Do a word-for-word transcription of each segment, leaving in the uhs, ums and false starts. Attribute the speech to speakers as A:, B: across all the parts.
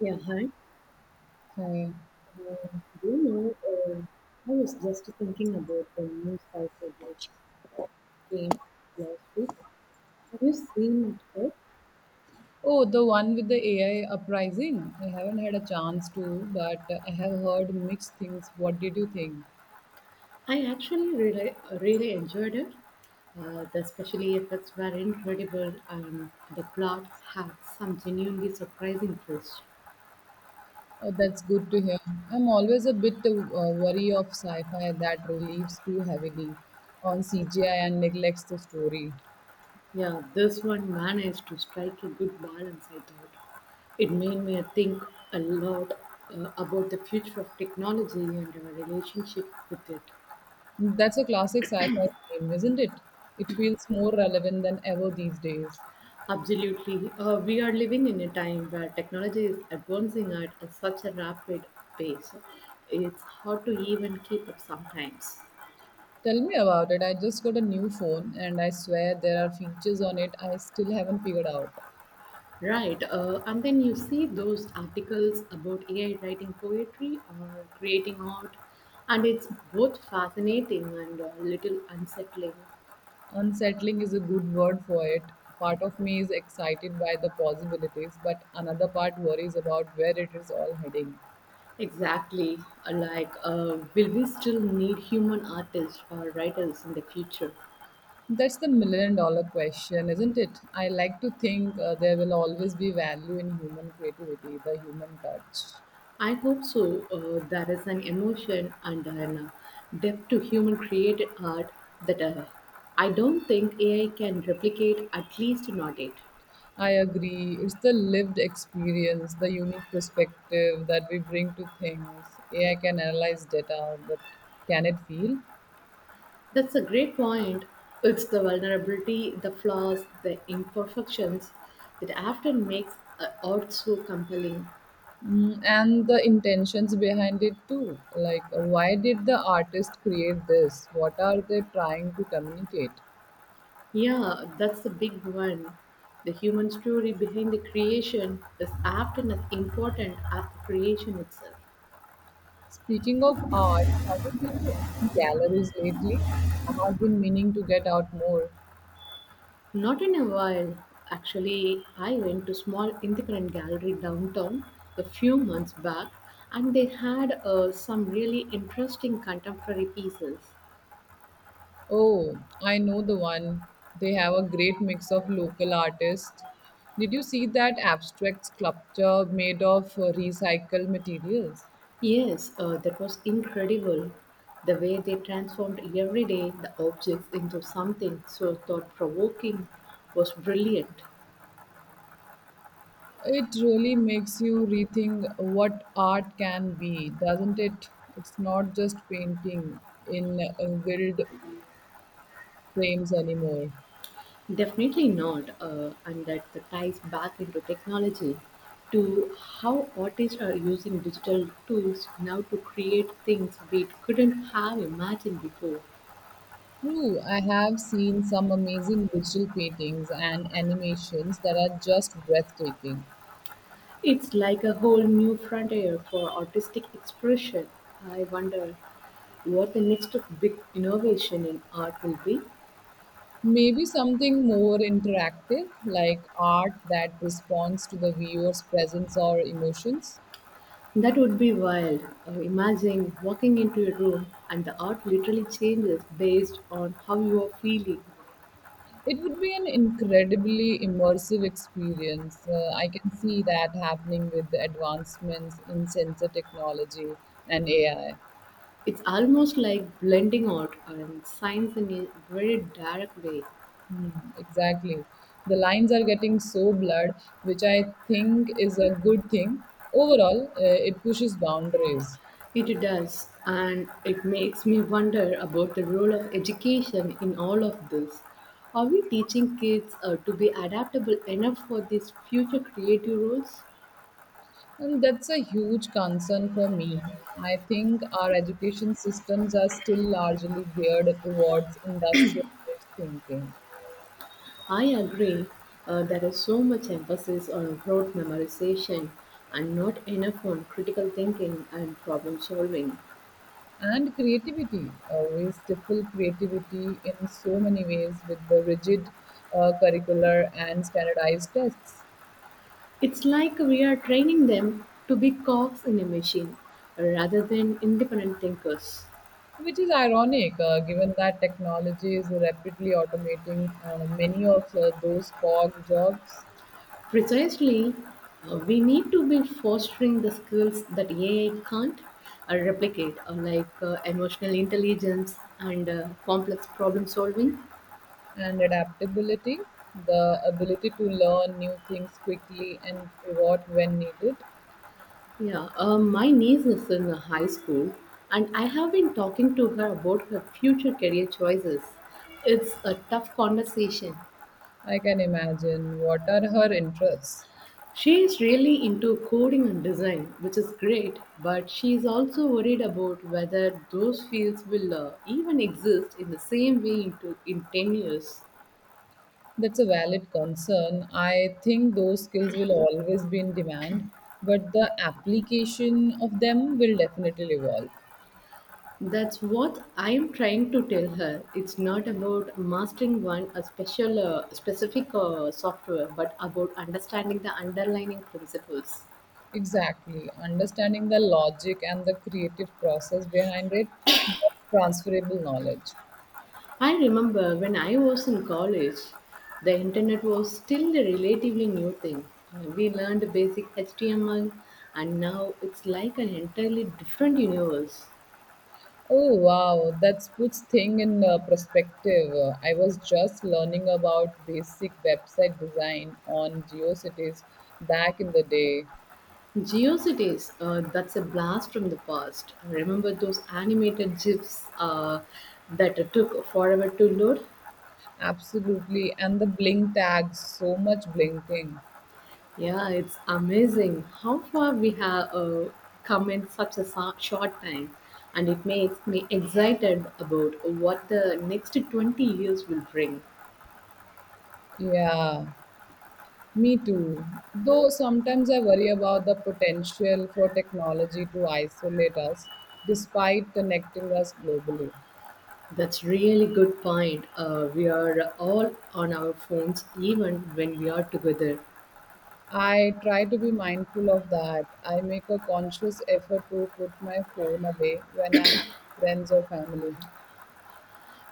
A: Yeah, hi.
B: Hi.
A: Um, do you know, um I was just thinking about the news cycle that came last week. Have you seen it? yet?
B: Oh, the one with the A I uprising. I haven't had a chance to, but I have heard mixed things. What did you think?
A: I actually really, really enjoyed it. Uh, the special effects were incredible, and the plot had some genuinely surprising twists.
B: Oh, that's good to hear. I'm always a bit uh, wary of sci-fi that relies too heavily on C G I and neglects the story.
A: Yeah, this one managed to strike a good balance, I thought. It made me think a lot uh, about the future of technology and our relationship with it.
B: That's a classic sci-fi theme, isn't it? It feels more relevant than ever these days.
A: Absolutely. Uh, we are living in a time where technology is advancing at a- such a rapid pace. It's hard to even keep up sometimes.
B: Tell me about it. I just got a new phone and I swear there are features on it I still haven't figured out.
A: Right. Uh, and then you see those articles about A I writing poetry or creating art, and it's both fascinating and a little unsettling.
B: Unsettling is a good word for it. Part of me is excited by the possibilities, but another part worries about where it is all heading.
A: Exactly. Uh, Like, uh, will we still need human artists or writers in the future?
B: That's the million dollar question, isn't it? I like to think uh, there will always be value in human creativity, the human touch.
A: I hope so. Uh, there is an emotion and an uh, depth to human created art that uh, I don't think A I can replicate, at least not yet.
B: I agree. It's the lived experience, the unique perspective that we bring to things. A I can analyze data, but can it feel?
A: That's a great point. It's the vulnerability, the flaws, the imperfections that often makes uh, art so compelling.
B: Mm, and the intentions behind it too. Like, why did the artist create this? What are they trying to communicate?
A: Yeah, that's the big one. The human story behind the creation is often as important as the creation itself.
B: Speaking of art, have you been to any galleries lately? I have been meaning to get out more.
A: Not in a while. Actually, I went to small independent gallery downtown a few months back and they had uh, some really interesting contemporary pieces.
B: Oh, I know the one. They have a great mix of local artists. Did you see that abstract sculpture made of uh, recycled materials?
A: Yes, uh, that was incredible. The way they transformed every day the objects into something so thought provoking was brilliant.
B: It really makes you rethink what art can be, doesn't it? It's not just painting in uh, gilded frames anymore.
A: Definitely not. Uh, and that ties back into technology to how artists are using digital tools now to create things we couldn't have imagined before.
B: True, I have seen some amazing digital paintings and animations that are just breathtaking.
A: It's like a whole new frontier for artistic expression. I wonder what the next big innovation in art will be.
B: Maybe something more interactive, like art that responds to the viewer's presence or emotions.
A: That would be wild. Uh, imagine walking into a room and the art literally changes based on how you are feeling.
B: It would be an incredibly immersive experience. Uh, I can see that happening with the advancements in sensor technology and A I.
A: It's almost like blending art and science in a very direct way.
B: Hmm, exactly. The lines are getting so blurred, which I think is a good thing. Overall, uh, it pushes boundaries.
A: It does, and it makes me wonder about the role of education in all of this. Are we teaching kids uh, to be adaptable enough for these future creative roles?
B: And that's a huge concern for me. I think our education systems are still largely geared towards industrial thinking.
A: I agree. Uh, there is so much emphasis on rote memorization and not enough on critical thinking and problem solving.
B: And creativity. Uh, we stifle creativity in so many ways with the rigid uh, curricular and standardized tests,
A: It's like we are training them to be cogs in a machine rather than independent thinkers.
B: which is ironic uh, given that technology is rapidly automating uh, many of uh, those cog jobs
A: Precisely, uh, we need to be fostering the skills that A I can't uh, replicate, uh, like uh, emotional intelligence and uh, complex problem solving.
B: and adaptability, the ability to learn new things quickly and pivot when needed.
A: Yeah, uh, my niece is in uh, high school, and I have been talking to her about her future career choices. It's a tough conversation.
B: I can imagine what are her interests.
A: She is really into coding and design, which is great, but she is also worried about whether those fields will uh, even exist in the same way into, in ten years.
B: That's a valid concern. I think those skills will always be in demand, but the application of them will definitely evolve.
A: That's what I am trying to tell her. It's not about mastering one a special uh, specific uh, software, but about understanding the underlying principles.
B: Exactly. Understanding the logic and the creative process behind it, that's transferable knowledge.
A: I remember when I was in college, the internet was still a relatively new thing. Uh, We learned basic H T M L and now it's like an entirely different universe.
B: Oh, wow. That puts thing in uh, perspective. Uh, I was just learning about basic website design on GeoCities back in the day.
A: GeoCities, uh, that's a blast from the past. Remember those animated GIFs uh, that took forever to load?
B: Absolutely. And the blink tags, so much blinking.
A: Yeah, it's amazing how far we have uh, come in such a so- short time, and it makes me excited about what the next twenty years will bring.
B: Yeah, me too. Though sometimes I worry about the potential for technology to isolate us despite connecting us globally.
A: That's really good point. Uh, we are all on our phones even when we are together.
B: I try to be mindful of that. I make a conscious effort to put my phone away when I'm with friends or family.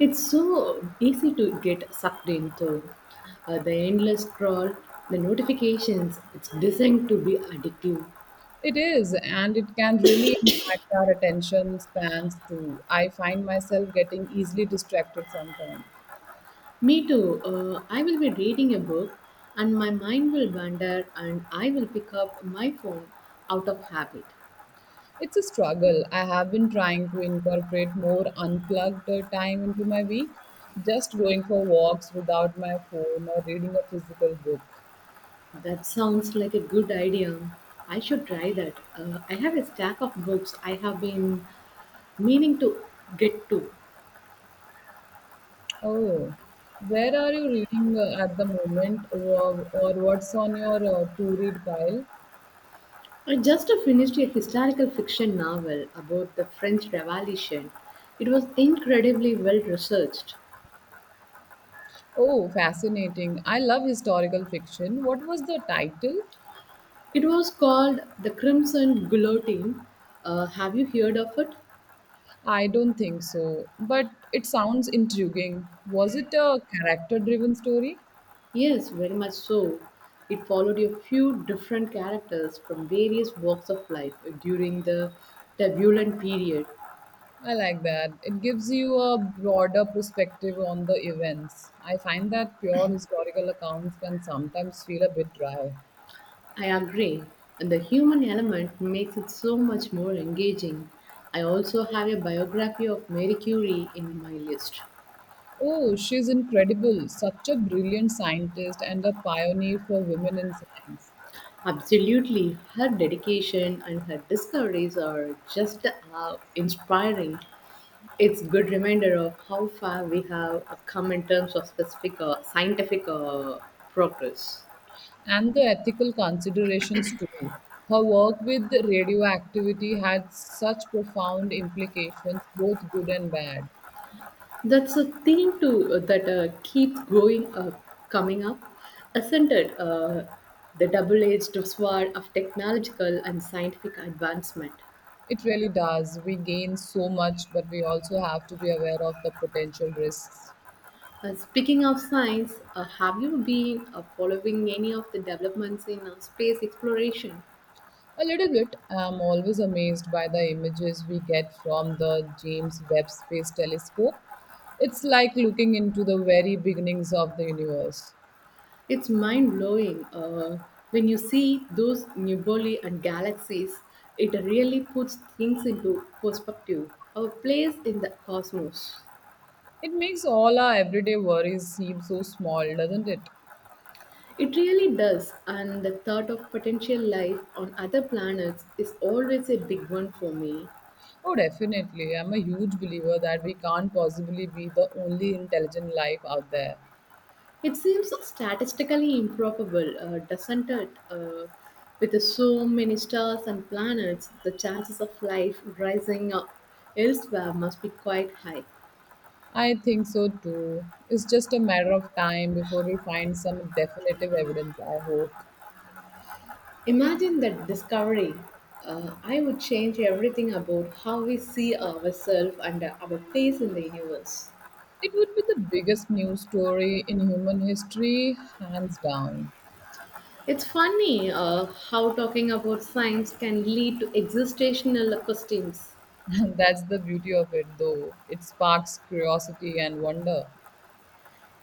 A: It's so easy to get sucked into uh, the endless scroll, the notifications. It's designed to be addictive.
B: It is, and it can really impact our attention spans too. I find myself getting easily distracted sometimes.
A: Me too. Uh, I will be reading a book and my mind will wander and I will pick up my phone out of habit.
B: It's a struggle. I have been trying to incorporate more unplugged uh, time into my week, just going for walks without my phone or reading a physical book.
A: That sounds like a good idea. I should try that. Uh, I have a stack of books I have been meaning to get to.
B: Oh, where are you reading uh, at the moment, or, or what's on your uh, to read pile?
A: I just finished a historical fiction novel about the French Revolution. It was incredibly well researched.
B: Oh, fascinating. I love historical fiction. What was the title?
A: It was called The Crimson Guillotine. Uh, have you heard of it?
B: I don't think so, but it sounds intriguing. Was it a character driven story?
A: Yes, very much so. It followed a few different characters from various walks of life during the turbulent period.
B: I like that. It gives you a broader perspective on the events. I find that pure historical accounts can sometimes feel a bit dry.
A: I agree, and the human element makes it so much more engaging. I also have a biography of Mary Curie in my list.
B: Oh, she's incredible. Such a brilliant scientist and a pioneer for women in science.
A: Absolutely, her dedication and her discoveries are just uh, inspiring. It's good reminder of how far we have uh, come in terms of specific uh, scientific uh, progress.
B: And the ethical considerations, too. Her work with radioactivity had such profound implications, both good and bad.
A: That's a theme to uh, that uh, keeps growing uh, coming up, isn't it? Uh, the double-edged sword of technological and scientific advancement.
B: It really does. We gain so much, but we also have to be aware of the potential risks.
A: Uh, speaking of science, uh, have you been uh, following any of the developments in uh, space exploration?
B: A little bit. I'm always amazed by the images we get from the James Webb Space Telescope. It's like looking into the very beginnings of the universe.
A: It's mind blowing uh, when you see those nebulae and galaxies. It really puts things into perspective. Our place in the cosmos.
B: It makes all our everyday worries seem so small, doesn't it?
A: It really does, and the thought of potential life on other planets is always a big one for me.
B: Oh, definitely. I'm a huge believer that we can't possibly be the only intelligent life out there.
A: It seems statistically improbable, uh, doesn't it? Uh, with so many stars and planets, the chances of life rising up elsewhere must be quite high.
B: I think so too. It's just a matter of time before we find some definitive evidence, I hope.
A: Imagine that discovery. Uh, I would change everything about how we see ourselves and uh, our place in the universe.
B: It would be the biggest news story in human history, hands down.
A: It's funny uh, how talking about science can lead to existential questions.
B: And that's the beauty of it, though. It sparks curiosity and wonder.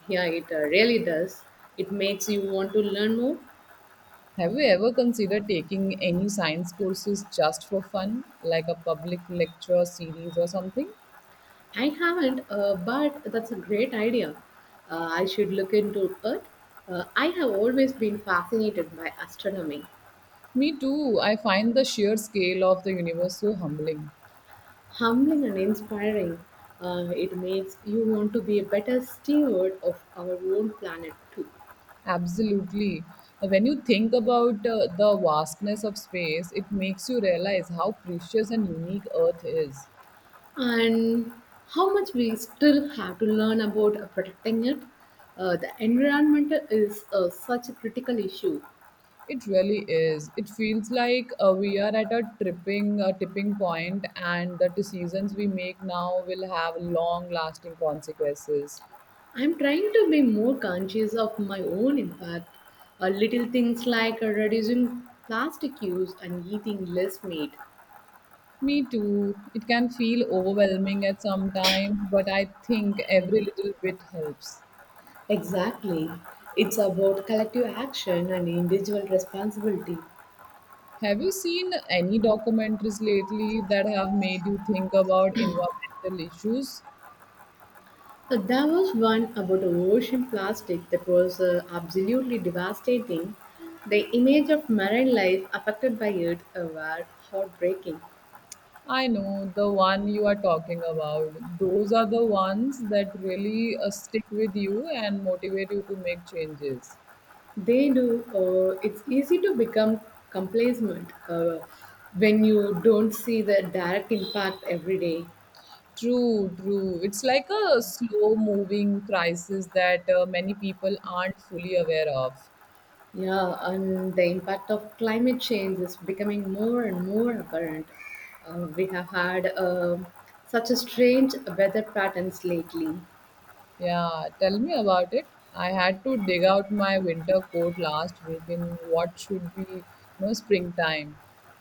A: Yeah, it uh, really does. It makes you want to learn more.
B: Have you ever considered taking any science courses just for fun, like a public lecture series or something?
A: I haven't, uh, but that's a great idea. Uh, I should look into it. Uh, I have always been fascinated by astronomy.
B: Me too. I find the sheer scale of the universe so humbling.
A: Humbling and inspiring. Uh, it makes you want to be a better steward of our own planet too.
B: Absolutely. When you think about uh, the vastness of space, it makes you realize how precious and unique Earth is.
A: And how much we still have to learn about uh, protecting it. Uh, the environment is uh, such a critical issue.
B: It really is. It feels like uh, we are at a tripping uh, tipping point, and the decisions we make now will have long-lasting consequences.
A: I'm trying to be more conscious of my own impact. Uh, little things like uh, reducing plastic use and eating less meat.
B: Me too. It can feel overwhelming at some time, but I think every little bit helps.
A: Exactly. It's about collective action and individual responsibility.
B: Have you seen any documentaries lately that have made you think about environmental issues?
A: Uh, There was one about a ocean plastic that was uh, absolutely devastating. The image of marine life affected by it uh, were heartbreaking.
B: I know the one you are talking about. Those are the ones that really uh, stick with you and motivate you to make changes.
A: They do. Uh, it's easy to become complacent uh, when you don't see the direct impact every day.
B: True, true. It's like a slow moving crisis that uh, many people aren't fully aware of.
A: Yeah, and the impact of climate change is becoming more and more apparent. Uh, we have had uh, such a strange weather patterns lately.
B: Yeah, tell me about it. I had to dig out my winter coat last week in what should be, you know, springtime.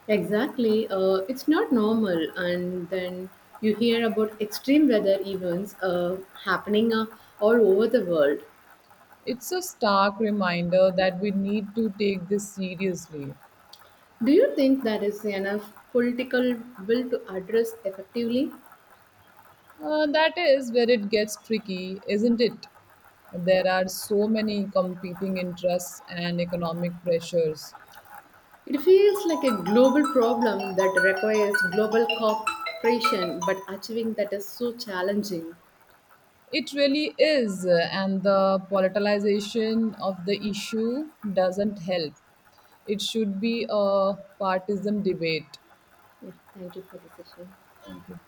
A: Exactly. Uh, it's not normal. And then you hear about extreme weather events uh, happening uh, all over the world.
B: It's a stark reminder that we need to take this seriously.
A: Do you think there is enough political will to address effectively?
B: Uh, that is where it gets tricky, isn't it? There are so many competing interests and economic pressures.
A: It feels like a global problem that requires global cooperation, but achieving that is so challenging.
B: It really is, uh, and the politicization of the issue doesn't help. It should be a partisan debate.
A: Yeah, thank you for the session.
B: Thank you.